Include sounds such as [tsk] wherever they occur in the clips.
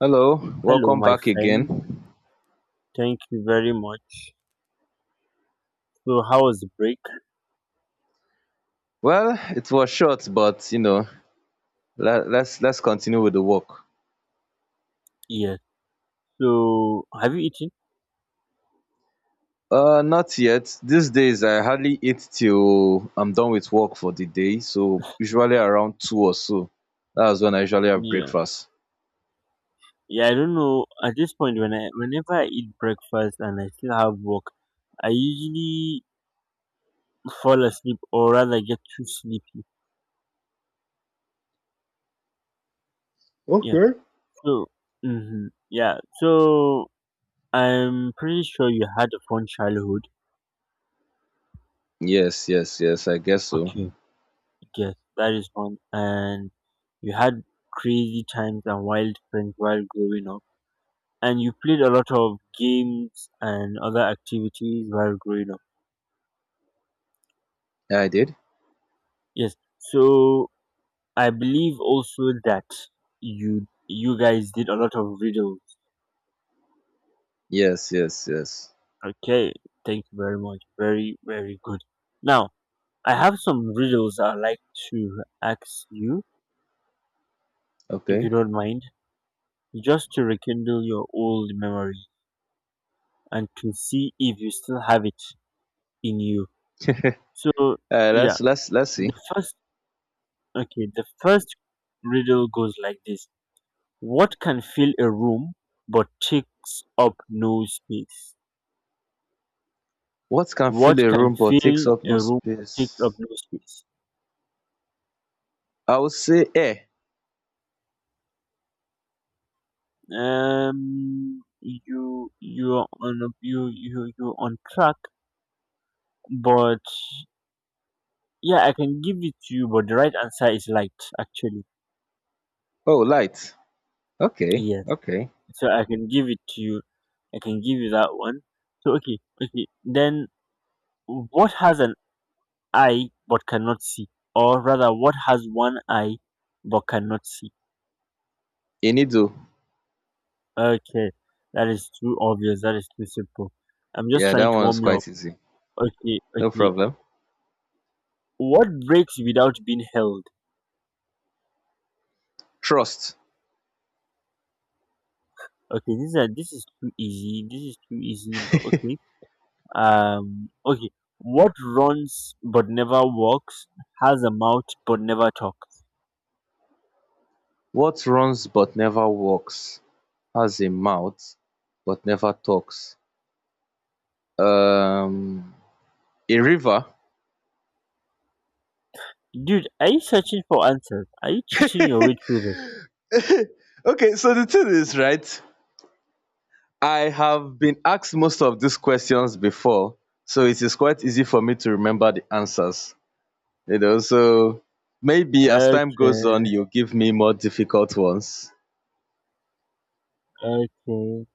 Hello, Hello, welcome my back again. friend. Thank you very much. So, how was the break? Well, it was short, but let's continue with the work. Yeah. So, have you eaten? Not yet. These days, I hardly eat till I'm done with work for the day. So usually around two or so. That's when I usually have Yeah. breakfast. Yeah. I don't know. At this point, whenever I eat breakfast and I still have work, I usually fall asleep, or rather get too sleepy. Yeah. So, hmm. Yeah. So, I'm pretty sure you had a fun childhood. Yes, yes, yes. I guess so. Okay. Yes, that is fun. And you had crazy times and wild friends while growing up. And you played a lot of games and other activities while growing up. Yeah, I did. Yes. So I believe also that you guys did a lot of riddles. Yes, yes, yes. Okay. Thank you very much. Very very good. Now I have some riddles I'd like to ask you if you Okay. don't mind, just to rekindle your old memory and to see if you still have it in you. So yeah, let's see. the first okay, the first riddle goes like this. What can fill a room but takes up no space? What can What fill a can room but takes fill up no a room but takes up space? no space? I would say air. You you're on a, you you're on track, but yeah, I can give it to you. But the right answer is light, actually. Oh, light. Okay, Yes, okay. so I can give it to you. I can give you that one. So okay, okay. Then what has an eye but cannot see, or rather, what has one eye but cannot see? Inido. Okay, that is too obvious. That is too simple. I'm just Yeah, that trying to one was warm you up. quite easy. Okay, No okay. problem. What breaks without being held? Trust. Okay, this is too easy. This is too easy. But okay. [laughs] Okay. What runs but never walks? Has a mouth but never talks. What runs but never walks, has a mouth but never talks. Um, a river. Dude, are you searching for answers? Are you cheating your way through Okay, so the thing is, right? I have been asked most of these questions before, so it is quite easy for me to remember the answers. So maybe as this? time goes on, Okay. you give me more difficult ones. Okay.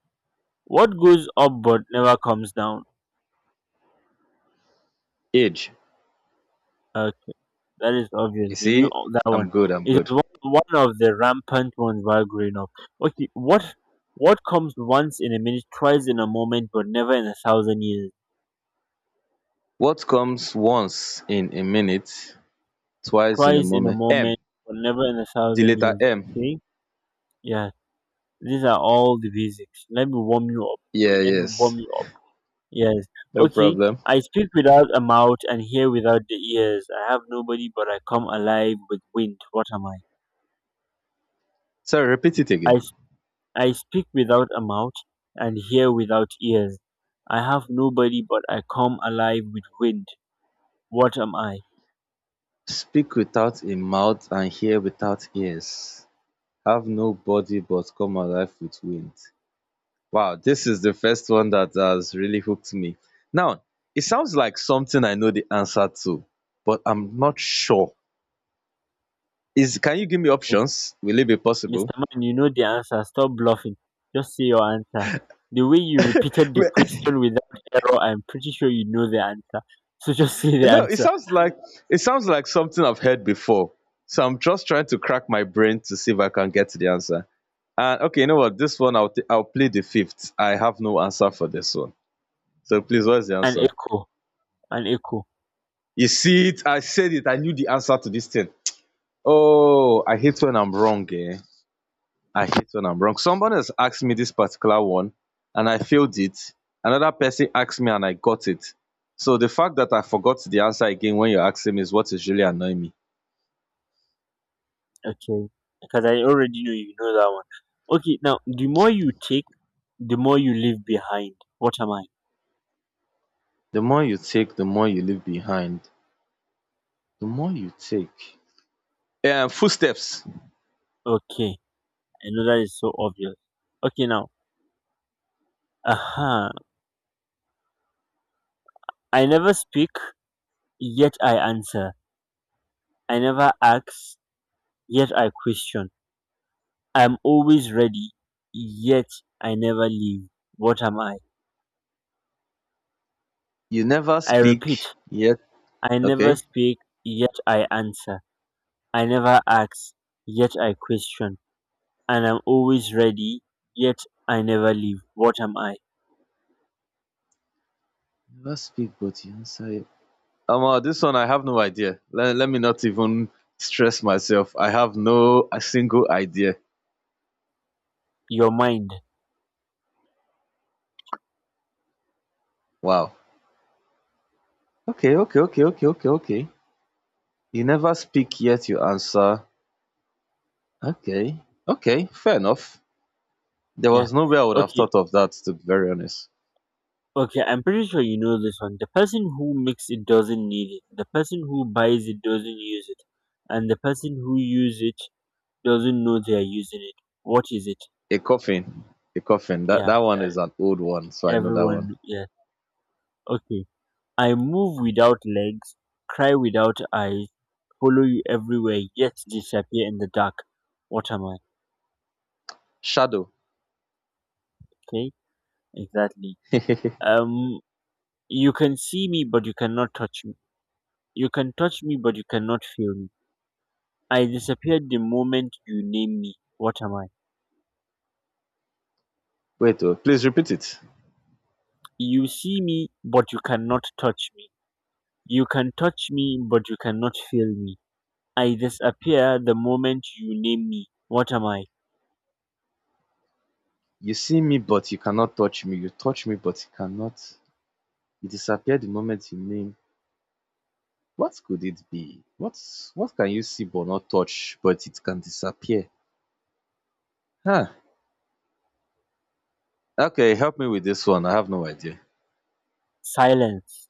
What goes up but never comes down? Age. Okay. That is obvious. You We knew see, all that one. I'm good. I'm It good. was one of the rampant ones while growing up. Okay, what comes once in a minute, twice in a moment, but never in a thousand years? What comes once in a minute twice in a Twice in a moment. M. moment, but never in a The thousand letter years. M. Okay, yeah. These are all the basics. Let me warm you up. Yeah, Let me warm yes. you up. Yes. No Okay. problem. I speak without a mouth and hear without the ears. I have nobody, but I come alive with wind. What am I? So repeat it I again. I speak without a mouth and hear without ears. I have nobody, but I come alive with wind. What am I? Speak without a mouth and hear without ears. Have no body but come alive with wind. Wow, this is the first one that has really hooked me. Now, it sounds like something I know the answer to, but I'm not sure. Is Can you give me Mis- options? Will it be possible? Mr. Man, you know the answer. Stop bluffing. Just say your answer. The way you repeated the [laughs] question without error, I'm pretty sure you know the answer. So just [laughs] say the No, it answer. sounds like something I've heard before. So I'm just trying to crack my brain to see if I can get to the answer. And okay, you know what? This one I'll play the fifth. I have no answer for this one. So please, what's the An answer? echo. An echo. You see it? I said it. I knew the answer to this thing. Oh, I hate when I'm wrong, eh? I hate when I'm wrong. Someone has asked me this particular one, and I failed it. Another person asked me, and I got it. So the fact that I forgot the answer again when you're asking me is what is really annoying me. Okay. Because I already know you know that one. Okay, now, the more you take, the more you leave behind. What am I? The more you take, the more you leave behind. The more you take. Footsteps. Okay. I know that is so obvious. Okay, now. Uh-huh. I never speak, yet I answer. I never ask, yet I question. I'm always ready, yet I never leave. What am I? You never I repeat, speak yet. I never Okay. speak, yet I answer. I never ask, yet I question. And I'm always ready, yet I never leave. What am I? Never speak, but you answer it. This one I have no idea. Let me not even stress myself. I have no a single idea. Your mind. Wow. Okay, okay, okay, okay, okay, okay. You never speak yet. You answer. Okay. Okay. Fair enough. There Yeah. was no way I would have Okay. thought of that. To be very honest, Okay, I'm pretty sure you know this one. The person who makes it doesn't need it. The person who buys it doesn't use it. And the person who uses it doesn't know they are using it. What is it? a coffin. A coffin. That Yeah, that one that- is an old one, so I know that everyone. one. Yeah. Okay. I move without legs, cry without eyes, follow you everywhere, yet disappear in the dark. What am I? Shadow. Okay, exactly. [laughs] Wait, Um, you can see me, but you cannot touch me. You can touch me, but you cannot feel me. I disappear the moment you name me. What am I? oh, please repeat it. You see me, but you cannot touch me. You can touch me, but you cannot feel me. I disappear the moment you name me. What am I? You see me, but you cannot touch me. You touch me, but you cannot. You disappear the moment you name. What could it be? What can you see but not touch, but it can disappear? Huh. Okay, help me with this one. I have no idea. Silence.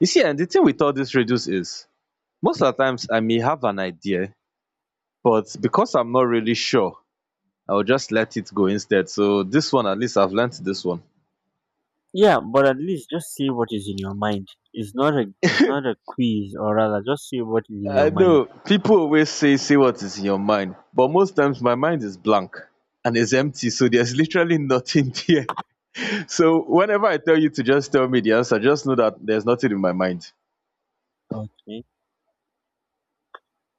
You see, and the thing with all these riddles is most of the times I may have an idea, but because I'm not really sure, I'll just let it go instead. So this one, at least I've learnt this one. Yeah, but at least just say what is in your mind. It's not a quiz, or rather just say what is in your I mind. know people always say what is in your mind, but most times my mind is blank and it's empty, so there's literally nothing [laughs] there. So whenever I tell you to just tell me the answer, just know that there's nothing in my mind. Okay.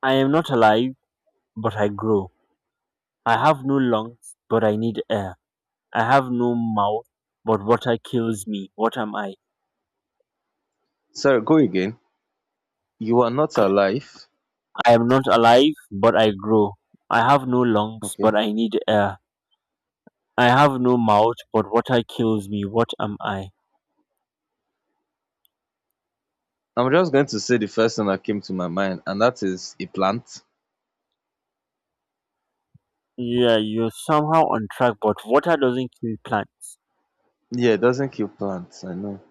I am not alive, but I grow. I have no lungs, but I need air. I have no mouth, but water kills me. What am I? Sorry, go again. You are not alive. I am not alive, but I grow. I have no lungs, but Okay. I need air. I have no mouth, but water kills me. What am I? I'm just going to say the first thing that came to my mind, and that is a plant. Yeah, you're somehow on track, but water doesn't kill plants. Yeah, it doesn't kill plants. I know.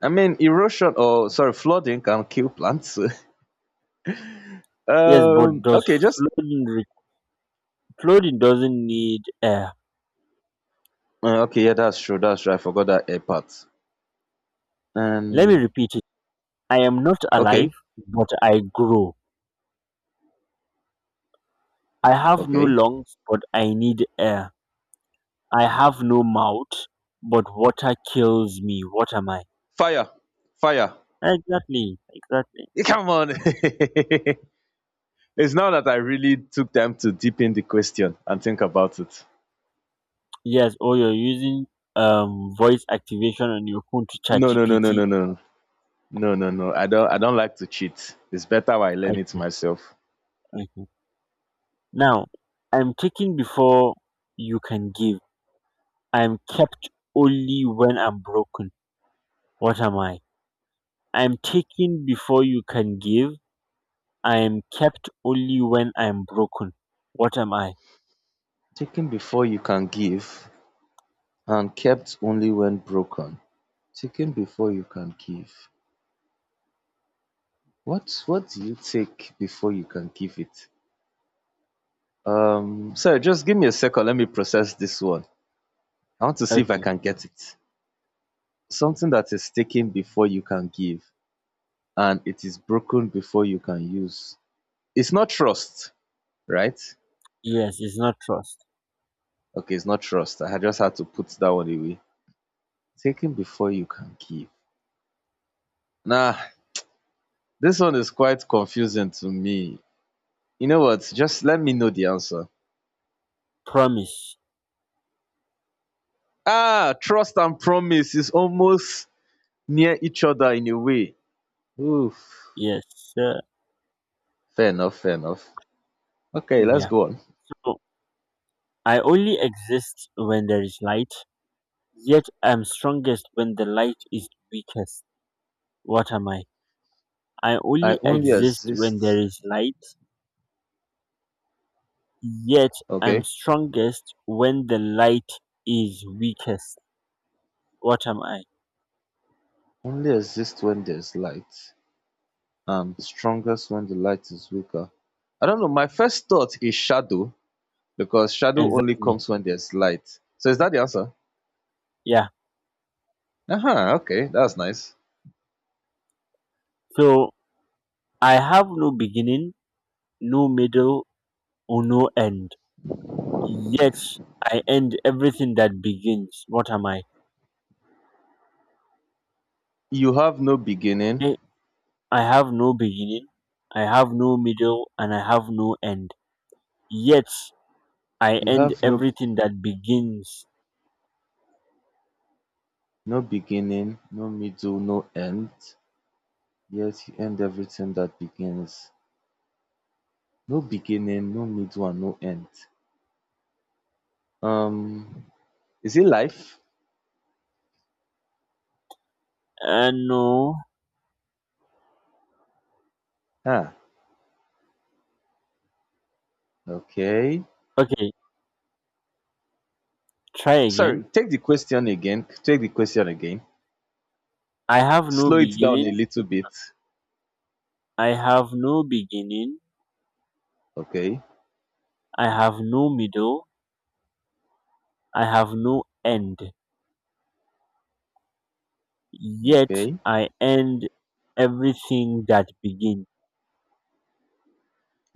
I mean, erosion or sorry, flooding can kill plants. [laughs] Yes, but does Okay, just flooding re- flooding doesn't need air? Okay. Yeah, that's true. That's true. I forgot that air part. Let me Um repeat it. I am not alive, Okay. but I grow. I have no Okay. lungs, but I need air. I have no mouth, but water kills me. What am I? Fire. Fire. Exactly, exactly. Come on. [laughs] It's now that I really took time to deepen the question and think about it. Yes, or you're using voice activation on your phone to chat No, no, no, no, GPT. no, no. No, no, no. I don't like to cheat. It's better I learn it Okay, myself. okay. Now, I'm taking before you can give. I'm kept only when I'm broken. What am I? I'm taken before you can give. I am kept only when I'm broken. What am I? Taken before you can give and kept only when broken. Taken before you can give. What do you take before you can give it? So just give me a second, let me process this one. I want to see if I Okay. can get it. Something that is taken before you can give, and it is broken before you can use. It's not trust, right? Yes, it's not trust. Okay, it's not trust. I just had to put that one away. Taken before you can give. Nah, this one is quite confusing to me. You know what? Just let me know the answer. Promise. Ah, trust and promise is almost near each other in a way. Oof. Yes. Uh, Fair enough, fair enough. Okay, let's yeah. go on. So, I only exist when there is light. Yet I'm strongest when the light is weakest. What am I? I I only only exist when there exist. is light. Yet I'm Okay. strongest when the light is weakest. What am I? Only exist when there's light, and strongest when the light is weaker. I don't know. My first thought is shadow because shadow only Exactly. comes when there's light. So is that the answer? Yeah. Uh-huh, okay, that's nice. So I have no beginning, no middle, or no end. Yet I end everything that begins. What am I? You have no Eh, beginning. I have no beginning, I have no middle, and I have no end. Yet I You end have no everything that begins. no beginning, no middle, no end. Yet you end everything that begins. No beginning, no middle, and no end. Um, is it life? No. Ah, okay. Okay, try again. Sorry, take the question again. Take the question again. I have no Slow it down a beginning. little bit. I have no beginning. Okay. I have no middle. I have no end. Yet Okay. I end everything that begins.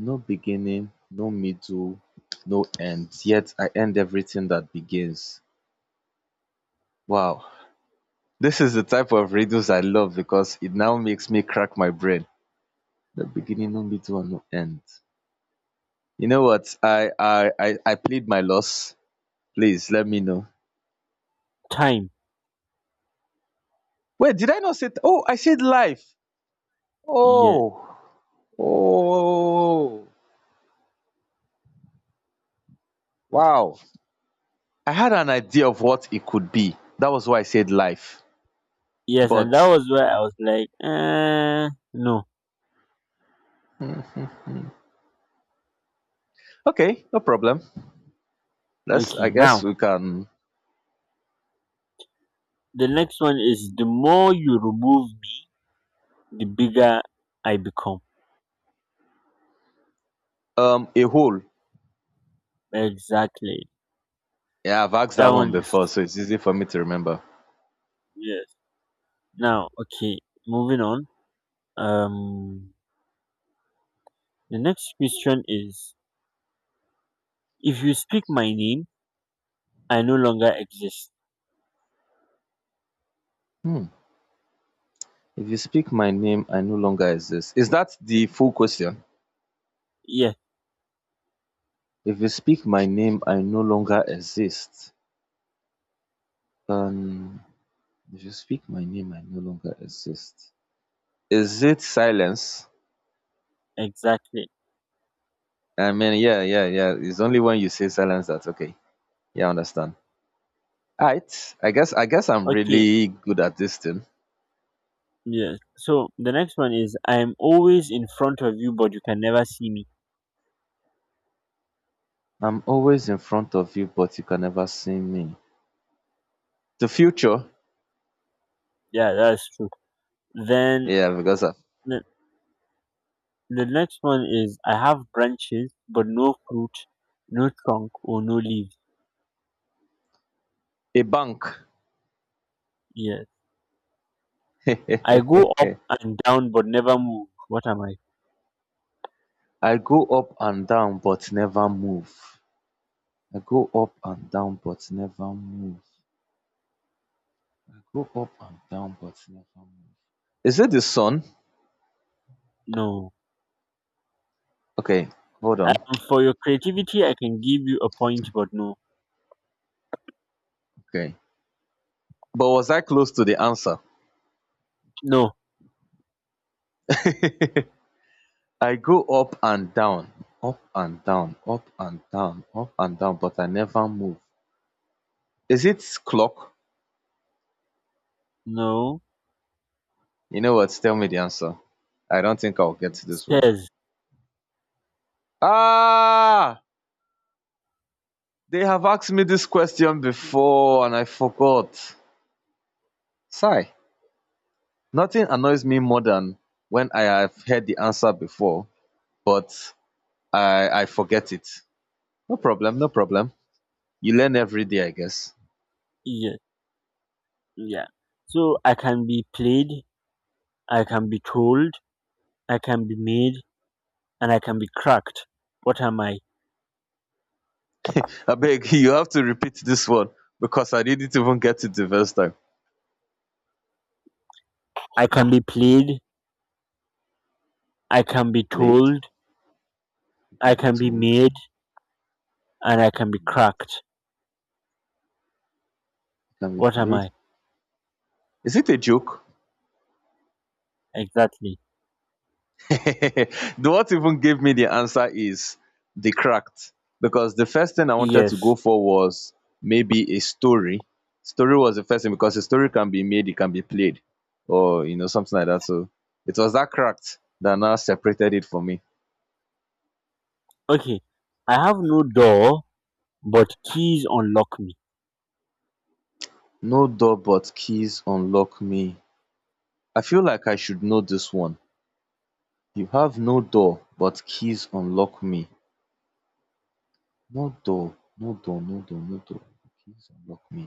No beginning, no middle, no end, yet I end everything that begins. Wow. This is the type of riddles I love because it now makes me crack my brain. No beginning, no middle, and no end. You know what? I plead my loss. Please let me know. Time. Wait, did I not say? Oh, I said life. Yes. Oh, oh, wow. I had an idea of what it could be. That was why I said life. Yes, and that But was where I was like, eh, no. okay, no problem. Let's, Okay, I guess now we can. the next one is the more you remove me, the bigger I become. A hole. Exactly. Yeah, I've asked That that one one is before, so it's easy for me to remember. yes. Now, okay, moving on. Um, the next question is: if you speak my name, I no longer exist. If you speak my name, I no longer exist. Is that the full question? Yes, If you speak my name, I no longer exist. Um, if you speak my name, I no longer exist. Is it silence? exactly. I mean, yeah, yeah, yeah. It's only when you say silence that okay. Yeah, I understand. Alright. I guess I'm Okay, really good at this thing. yes. So the next one is: I'm always in front of you, but you can never see me. I'm always in front of you, but you can never see me. The future. Yeah, that's true. Then Yeah, because of the, the next one is: I have branches, but no fruit, no trunk, or no leaves. a bank. Yes, [laughs] I go up I and down, but never move. What am I? go up and down but never move. I go up and down but never move. I go up and down but never move. Is it the sun? No. Okay, hold on. For your creativity, I can give you a point, but Okay. But was I close to the answer? no, [laughs] I go up and down, up and down, up and down, up and down, but I never move. Is it clock? no, You know what? Tell me the answer. I don't think I'll get this one. stairs. Ah! They have asked me this question before and I forgot. Sigh. Nothing annoys me more than when I have heard the answer before, but I forget it. No problem, no problem. You learn every day, I guess. Yeah, yeah. So I can be played, I can be told, I can be made, and I can be cracked. What am I? [laughs] I beg you have to repeat this one because I didn't even get it the first time. I can be played, I can be Played? told, It I can be can be told. It made, and I can be cracked. can be What am played. I Is it a joke? exactly? [laughs] The what even gave me the answer is the cracked, because the first thing I wanted to go Yes. for was maybe a story. Story was the first thing, because a story can be made, it can be played, or something like that. So it was that cracked that now separated it for me. Okay. I have no door, but keys unlock me. No door but keys unlock me. I feel like I should know this one. You have no door but keys unlock me. No door, no door, no door, no door, keys unlock me.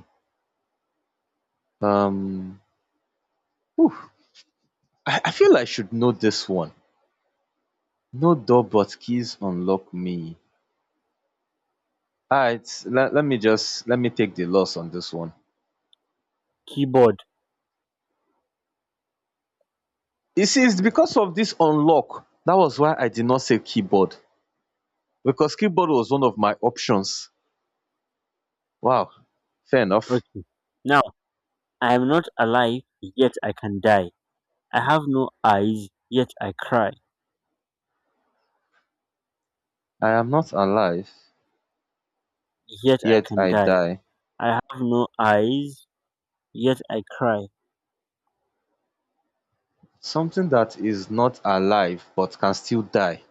um I feel I should know this one. No door but keys unlock me. Alright, let me just let me take the loss on this one. Keyboard. You see, it's because of this unlock. That was why I did not say keyboard. Because keyboard was one of my options. Wow. Fair enough. Okay. Now. I am not alive, yet I can die. I have no eyes, yet I cry. I am not alive, Yet I yet can I die. die. I have no eyes, yet I cry. Something that is not alive but can still die.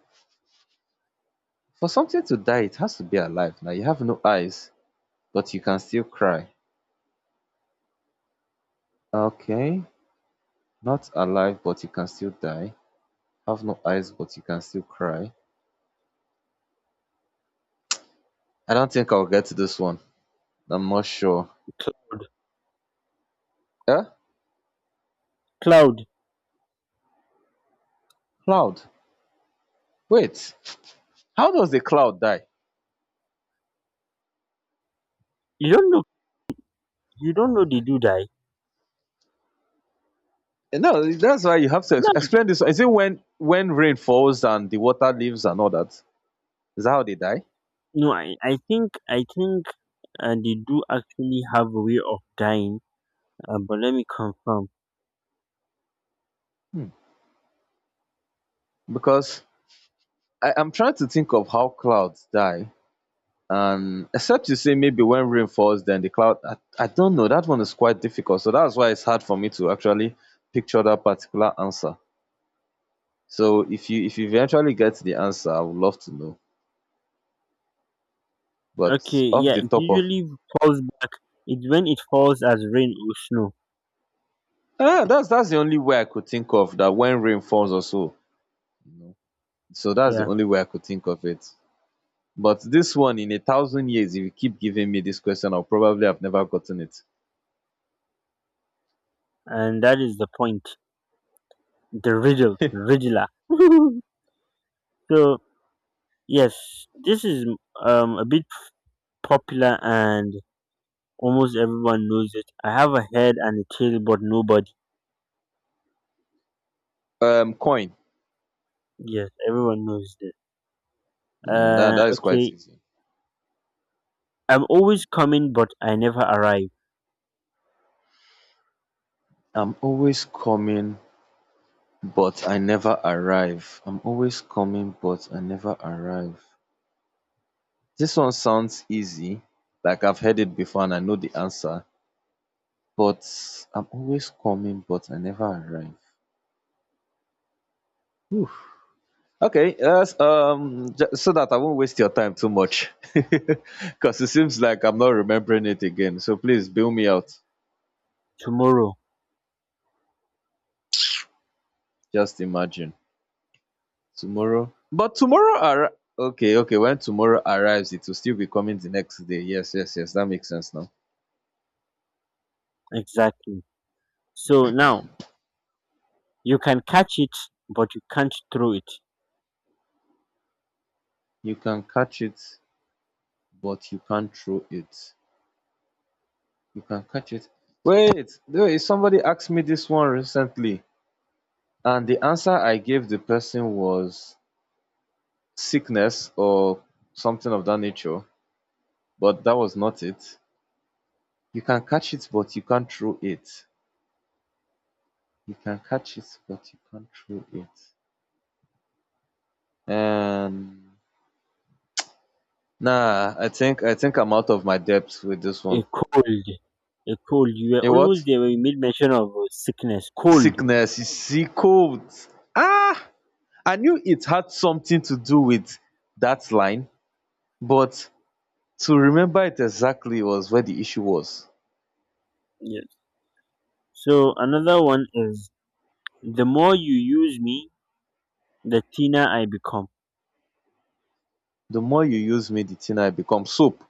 For something to die, it has to be alive. Now you have no eyes, but you can still cry. Okay. Not alive, but you can still die. Have no eyes, but you can still cry. I don't think I'll get this one. I'm not sure. Cl- Eh? Cloud, Cloud. Wait. How does the cloud die? you don't know. You don't know they do die. Eh, no, that's why you have to ex- Cloud, explain this. Is it when rain falls and the water leaves and all that? Is that how they die? no, I think they do actually have a way of dying. But let me confirm. Because I'm trying to think of how clouds die. And except you say maybe when rain falls, then the cloud. I don't know. That one is quite difficult. So that's why it's hard for me to actually picture that particular answer. So if you eventually get the answer, I would love to know. But Okay, off yeah, the it top of usually falls back. It's when it falls as rain or snow. ah, that's the only way I could think of that when rain falls or so. You know? So that's the Yeah, only way I could think of it. But this one in a thousand years, if you keep giving me this question, I'll probably have never gotten it. and that is the point. The riddle, riddler. [laughs] So yes, this is a bit popular and almost everyone knows it. I have a head and a tail, but nobody. Coin. Yes, everyone knows this. Mm, that that is quite Okay. easy. I'm always coming, but I never arrive. I'm always coming, but I never arrive. I'm always coming, but I never arrive. This one sounds easy, like I've heard it before and I know the answer, but I'm always coming, but I never arrive. Okay, yes, so that I won't waste your time too much, [laughs] because it seems like I'm not remembering it again. So please bail me out. Tomorrow, Just imagine tomorrow, but tomorrow, okay, okay, when tomorrow arrives, it will still be coming the next day. Yes, yes, yes, that makes sense now. exactly. So now you can catch it, but you can't throw it. You can catch it, but you can't throw it. You can catch it. Wait, there is somebody asked me this one recently, and the answer I gave the person was sickness or something of that nature, but that was not it. You can catch it but you can't throw it. You can catch it but you can't throw it. um nah, I think I'm out of my depth with this A one. cold, a cold. You were A what? almost there when you made mention of sickness. Cold. Sickness, you see. Cold. ah I knew it had something to do with that line, but to remember it exactly was where the issue was. Yes. So another one is the more you use me, the thinner I become. The more you use me, the thinner I become. Soap.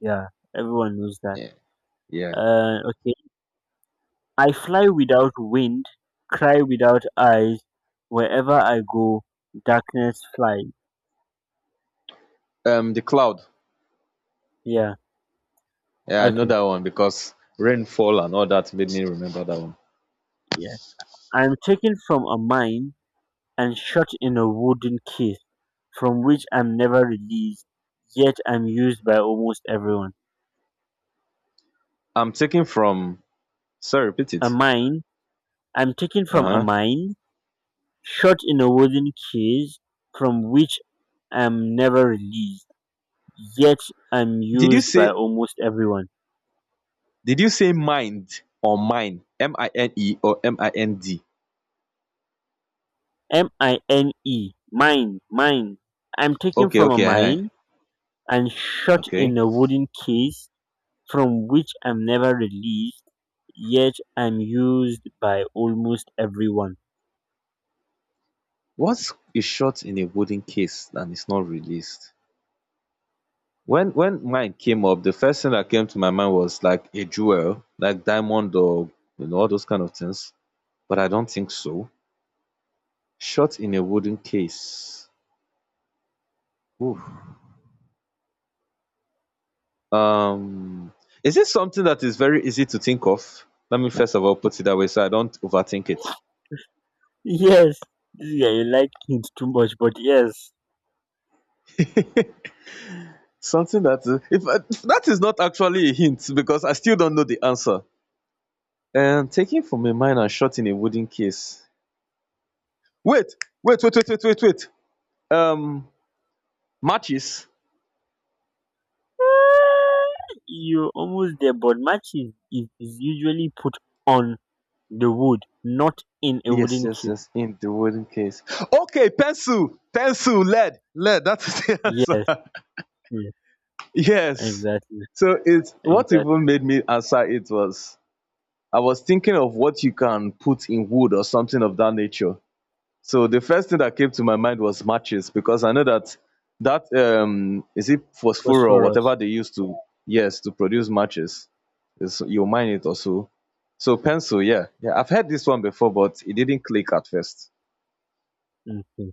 Yeah, everyone knows that. Yeah, yeah. Okay. I fly without wind, cry without eyes. Wherever I go, darkness flies. The cloud. Yeah. Yeah, I know Okay. that one because rainfall and all that made me remember that one. Yeah. I'm taken from a mine and shut in a wooden case from which I'm never released, yet I'm used by almost everyone. I'm taking from, sorry, repeat A it. mine. I'm taken from a Uh-huh. mine, shut in a wooden case from which I'm never released, yet I'm did you used by say almost everyone. did you say mind or mine, mine or mind? mine, mine, mine. I'm taken Okay, from a okay. uh mine and shut okay, in a wooden case from which I'm never released, yet I'm used by almost everyone. what is shot in a wooden case and is not released? When mine came up, the first thing that came to my mind was like a jewel, like diamond, or all those kind of things, but I don't think so. Shot in a wooden case. Oof. Um, is it something that is very easy to think of? Let me first of all put it that way so I don't overthink it. Yes, this guy, you like things too much, but yes. Something that is- if I, [laughs] That is not actually a hint because I still don't know the answer. Taken from a mine and shot in a wooden case. Wait, wait, wait, wait, wait, wait, wait. Um, Matches. [laughs] You're almost there, but match is usually put on the wood, not in a Yes, wooden yes, case. yes. In the wooden case. Okay, pencil, pencil, lead, lead. That is the [laughs] Yes, answer. yes, Yes. exactly, So it's what exactly. even made me answer it was I was thinking of what you can put in wood or something of that nature. So the first thing that came to my mind was matches because I know that that, is it phosphor or whatever Phosphorus. they use to, yes, to produce matches. Is you mine it or so. So pencil, yeah. Yeah, I've heard this one before, but it didn't click at first. Mhm.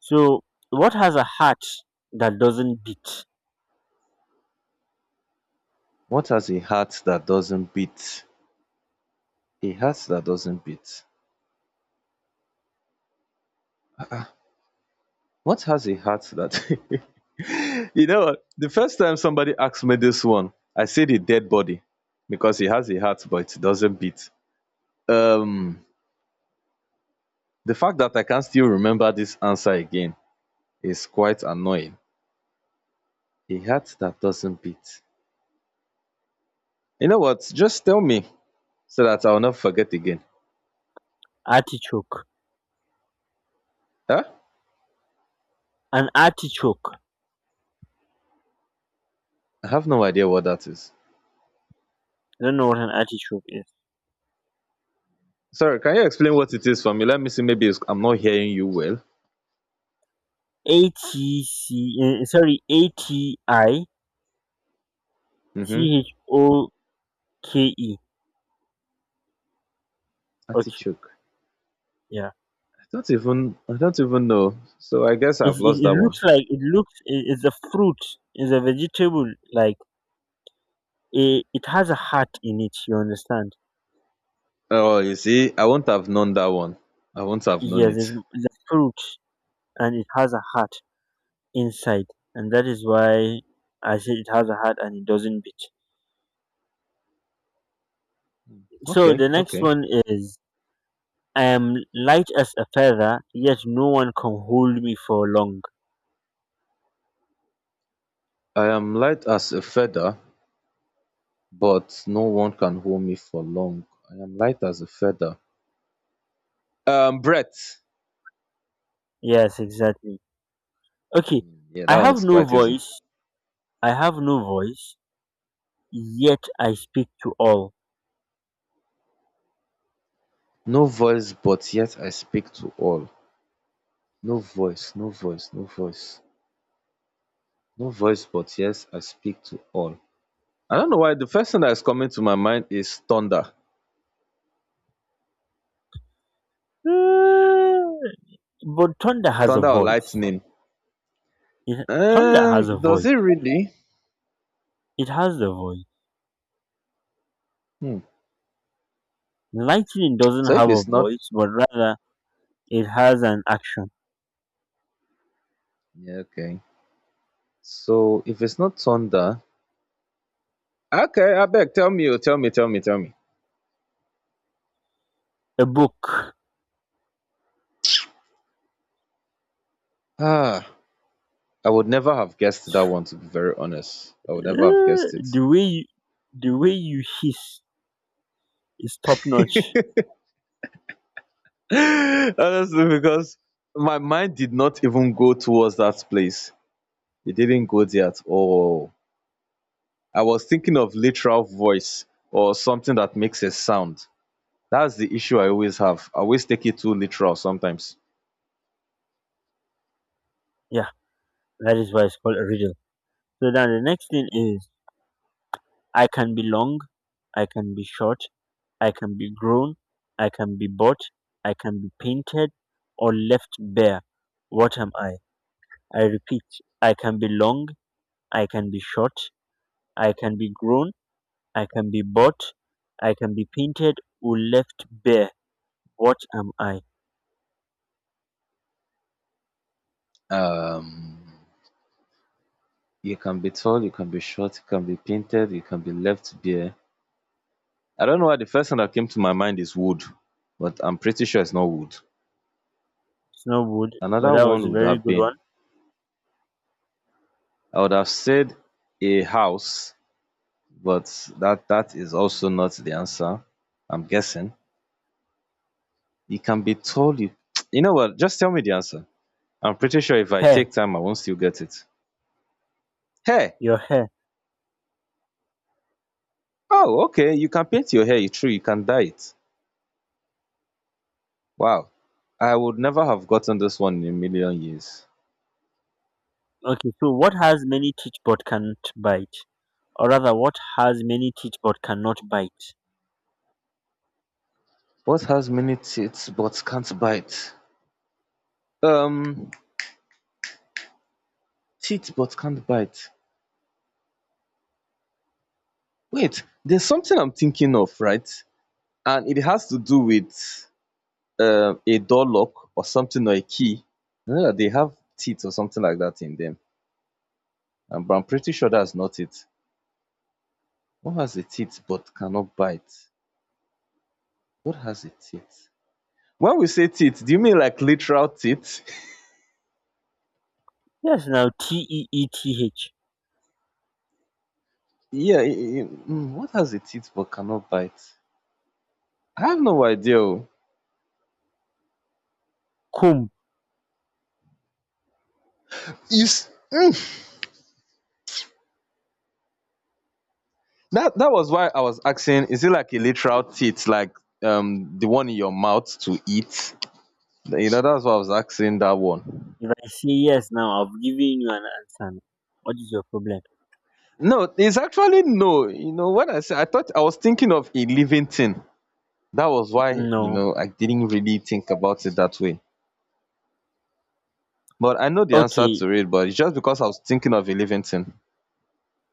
So what has a heart that doesn't beat? What has a heart that doesn't beat? A heart that doesn't beat. What has a heart that [laughs] You know, the first time somebody asked me this one, I said a dead body because it has a heart but it doesn't beat. Um, the fact that I can still remember this answer again is quite annoying. A heart that doesn't beat. You know what? Just tell me so that I'll not forget again. Artichoke. Huh? An artichoke. I have no idea what that is. I don't know what an artichoke is. Sorry, can you explain what it is for me? Let me see. Maybe it's, I'm not hearing you well. A T C eh, sorry A T I C Mm-hmm. H O K E. Okay, Artichoke. yeah. I don't even. I don't even know. So I guess It, I've lost it, it that one. looks like it looks it, it's a fruit. It's a vegetable. Like a, it has a heart in it. You understand? Oh, you see, I will not have known that one. I will not have known Yes, it. it's a fruit and it has a heart inside, and that is why I said it has a heart and it doesn't beat. So Okay, the next okay. one is I am light as a feather, yet no one can hold me for long. I am light as a feather, but no one can hold me for long. I am light as a feather. Brett. Yes, exactly. Okay, Yeah, I that one have is no quite easy. voice. I have no voice, yet I speak to all. No voice, but yet I speak to all. No voice, no voice, no voice. No voice, but yes, I speak to all. I don't know why the first thing that is coming to my mind is thunder. Mm, but thunder has a Thunder or voice. lightning. It, thunder has a Does it voice. really? It has the voice. Hmm. Lightning doesn't So if have a it's not, voice, but rather it has an action. yeah, okay. So if it's not thunder, okay, I beg, tell me, oh, tell me, tell me, tell me. A book. Ah, I would never have guessed that one. To be very honest, I would never have guessed it. the way you, the way you hiss is top notch. [laughs] Honestly, because my mind did not even go towards that place. It didn't go there at all. I was thinking of literal voice or something that makes a sound. That's the issue I always have. I always take it too literal sometimes. Yeah. That is why it's called a riddle. So now the next thing is I can be long, I can be short, I can be grown, I can be bought, I can be painted, or left bare. What am I? I repeat, I can be long, I can be short, I can be grown, I can be bought, I can be painted, or left bare. What am I? Um, you can be tall, you can be short, you can be painted, you can be left bare. I don't know why the first thing that came to my mind is wood, but I'm pretty sure it's not wood. It's not wood, but Another that was one a would very have good been, one. I would have said a house, but that is also not the answer. I'm guessing. It can be told. You, [tsk] you know what? Just tell me the answer. I'm pretty sure if I Hair, take time, I won't still get it. Hair. your hair. Oh, okay. You can paint your hair. You true. You can dye it. Wow. I would never have gotten this one in a million years. Okay, so what has many teeth but can't bite? Or rather what has many teeth but cannot bite? What has many teeth but can't bite? Um, Cheat but can't bite. Wait, there's something I'm thinking of, right, and it has to do with a door lock or something, or a key, that they have teeth or something like that in them, and but I'm pretty sure that's not it. What has a teeth but cannot bite? What has a teeth? When we say teeth, do you mean like literal teeth? Yes, now teeth. [laughs] Yeah, what has a teeth but cannot bite? I have no idea. Oh. Comb. you s- mm. That was why I was asking, is it like a literal teeth, like the one in your mouth to eat? You know, that's why I was asking that one. If I say yes now, I've given you an answer. What is your problem? No, it's actually no, you know, when I said, I thought, I was thinking of a living thing. That was why, you No. know, I didn't really think about it that way. But I know the answer Okay. to it, but it's just because I was thinking of a living thing.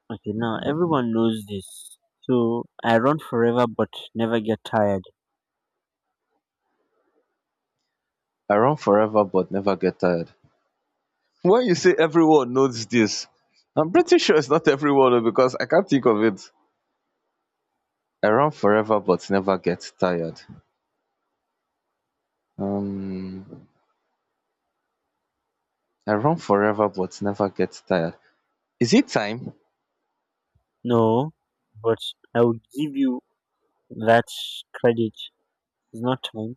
Okay. Now everyone knows this. So I run forever but never get tired. I run forever but never get tired. When you say everyone knows this, I'm pretty sure it's not everyone, o, because I can't think of it. I run forever but never get tired. um I run forever but never get tired. Is it time? No, but I will give you that credit. It's not time.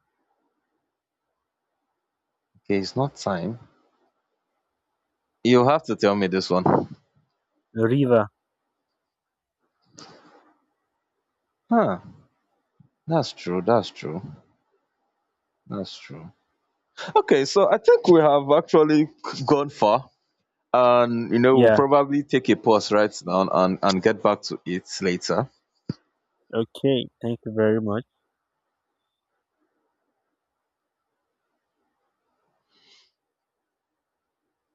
Okay, it's not time. You'll have to tell me this one. River. Huh? That's true, that's true, that's true. Okay, so I think we have actually gone far, and we'll Yeah. probably take a pause right now and get back to it later. Okay. Thank you very much.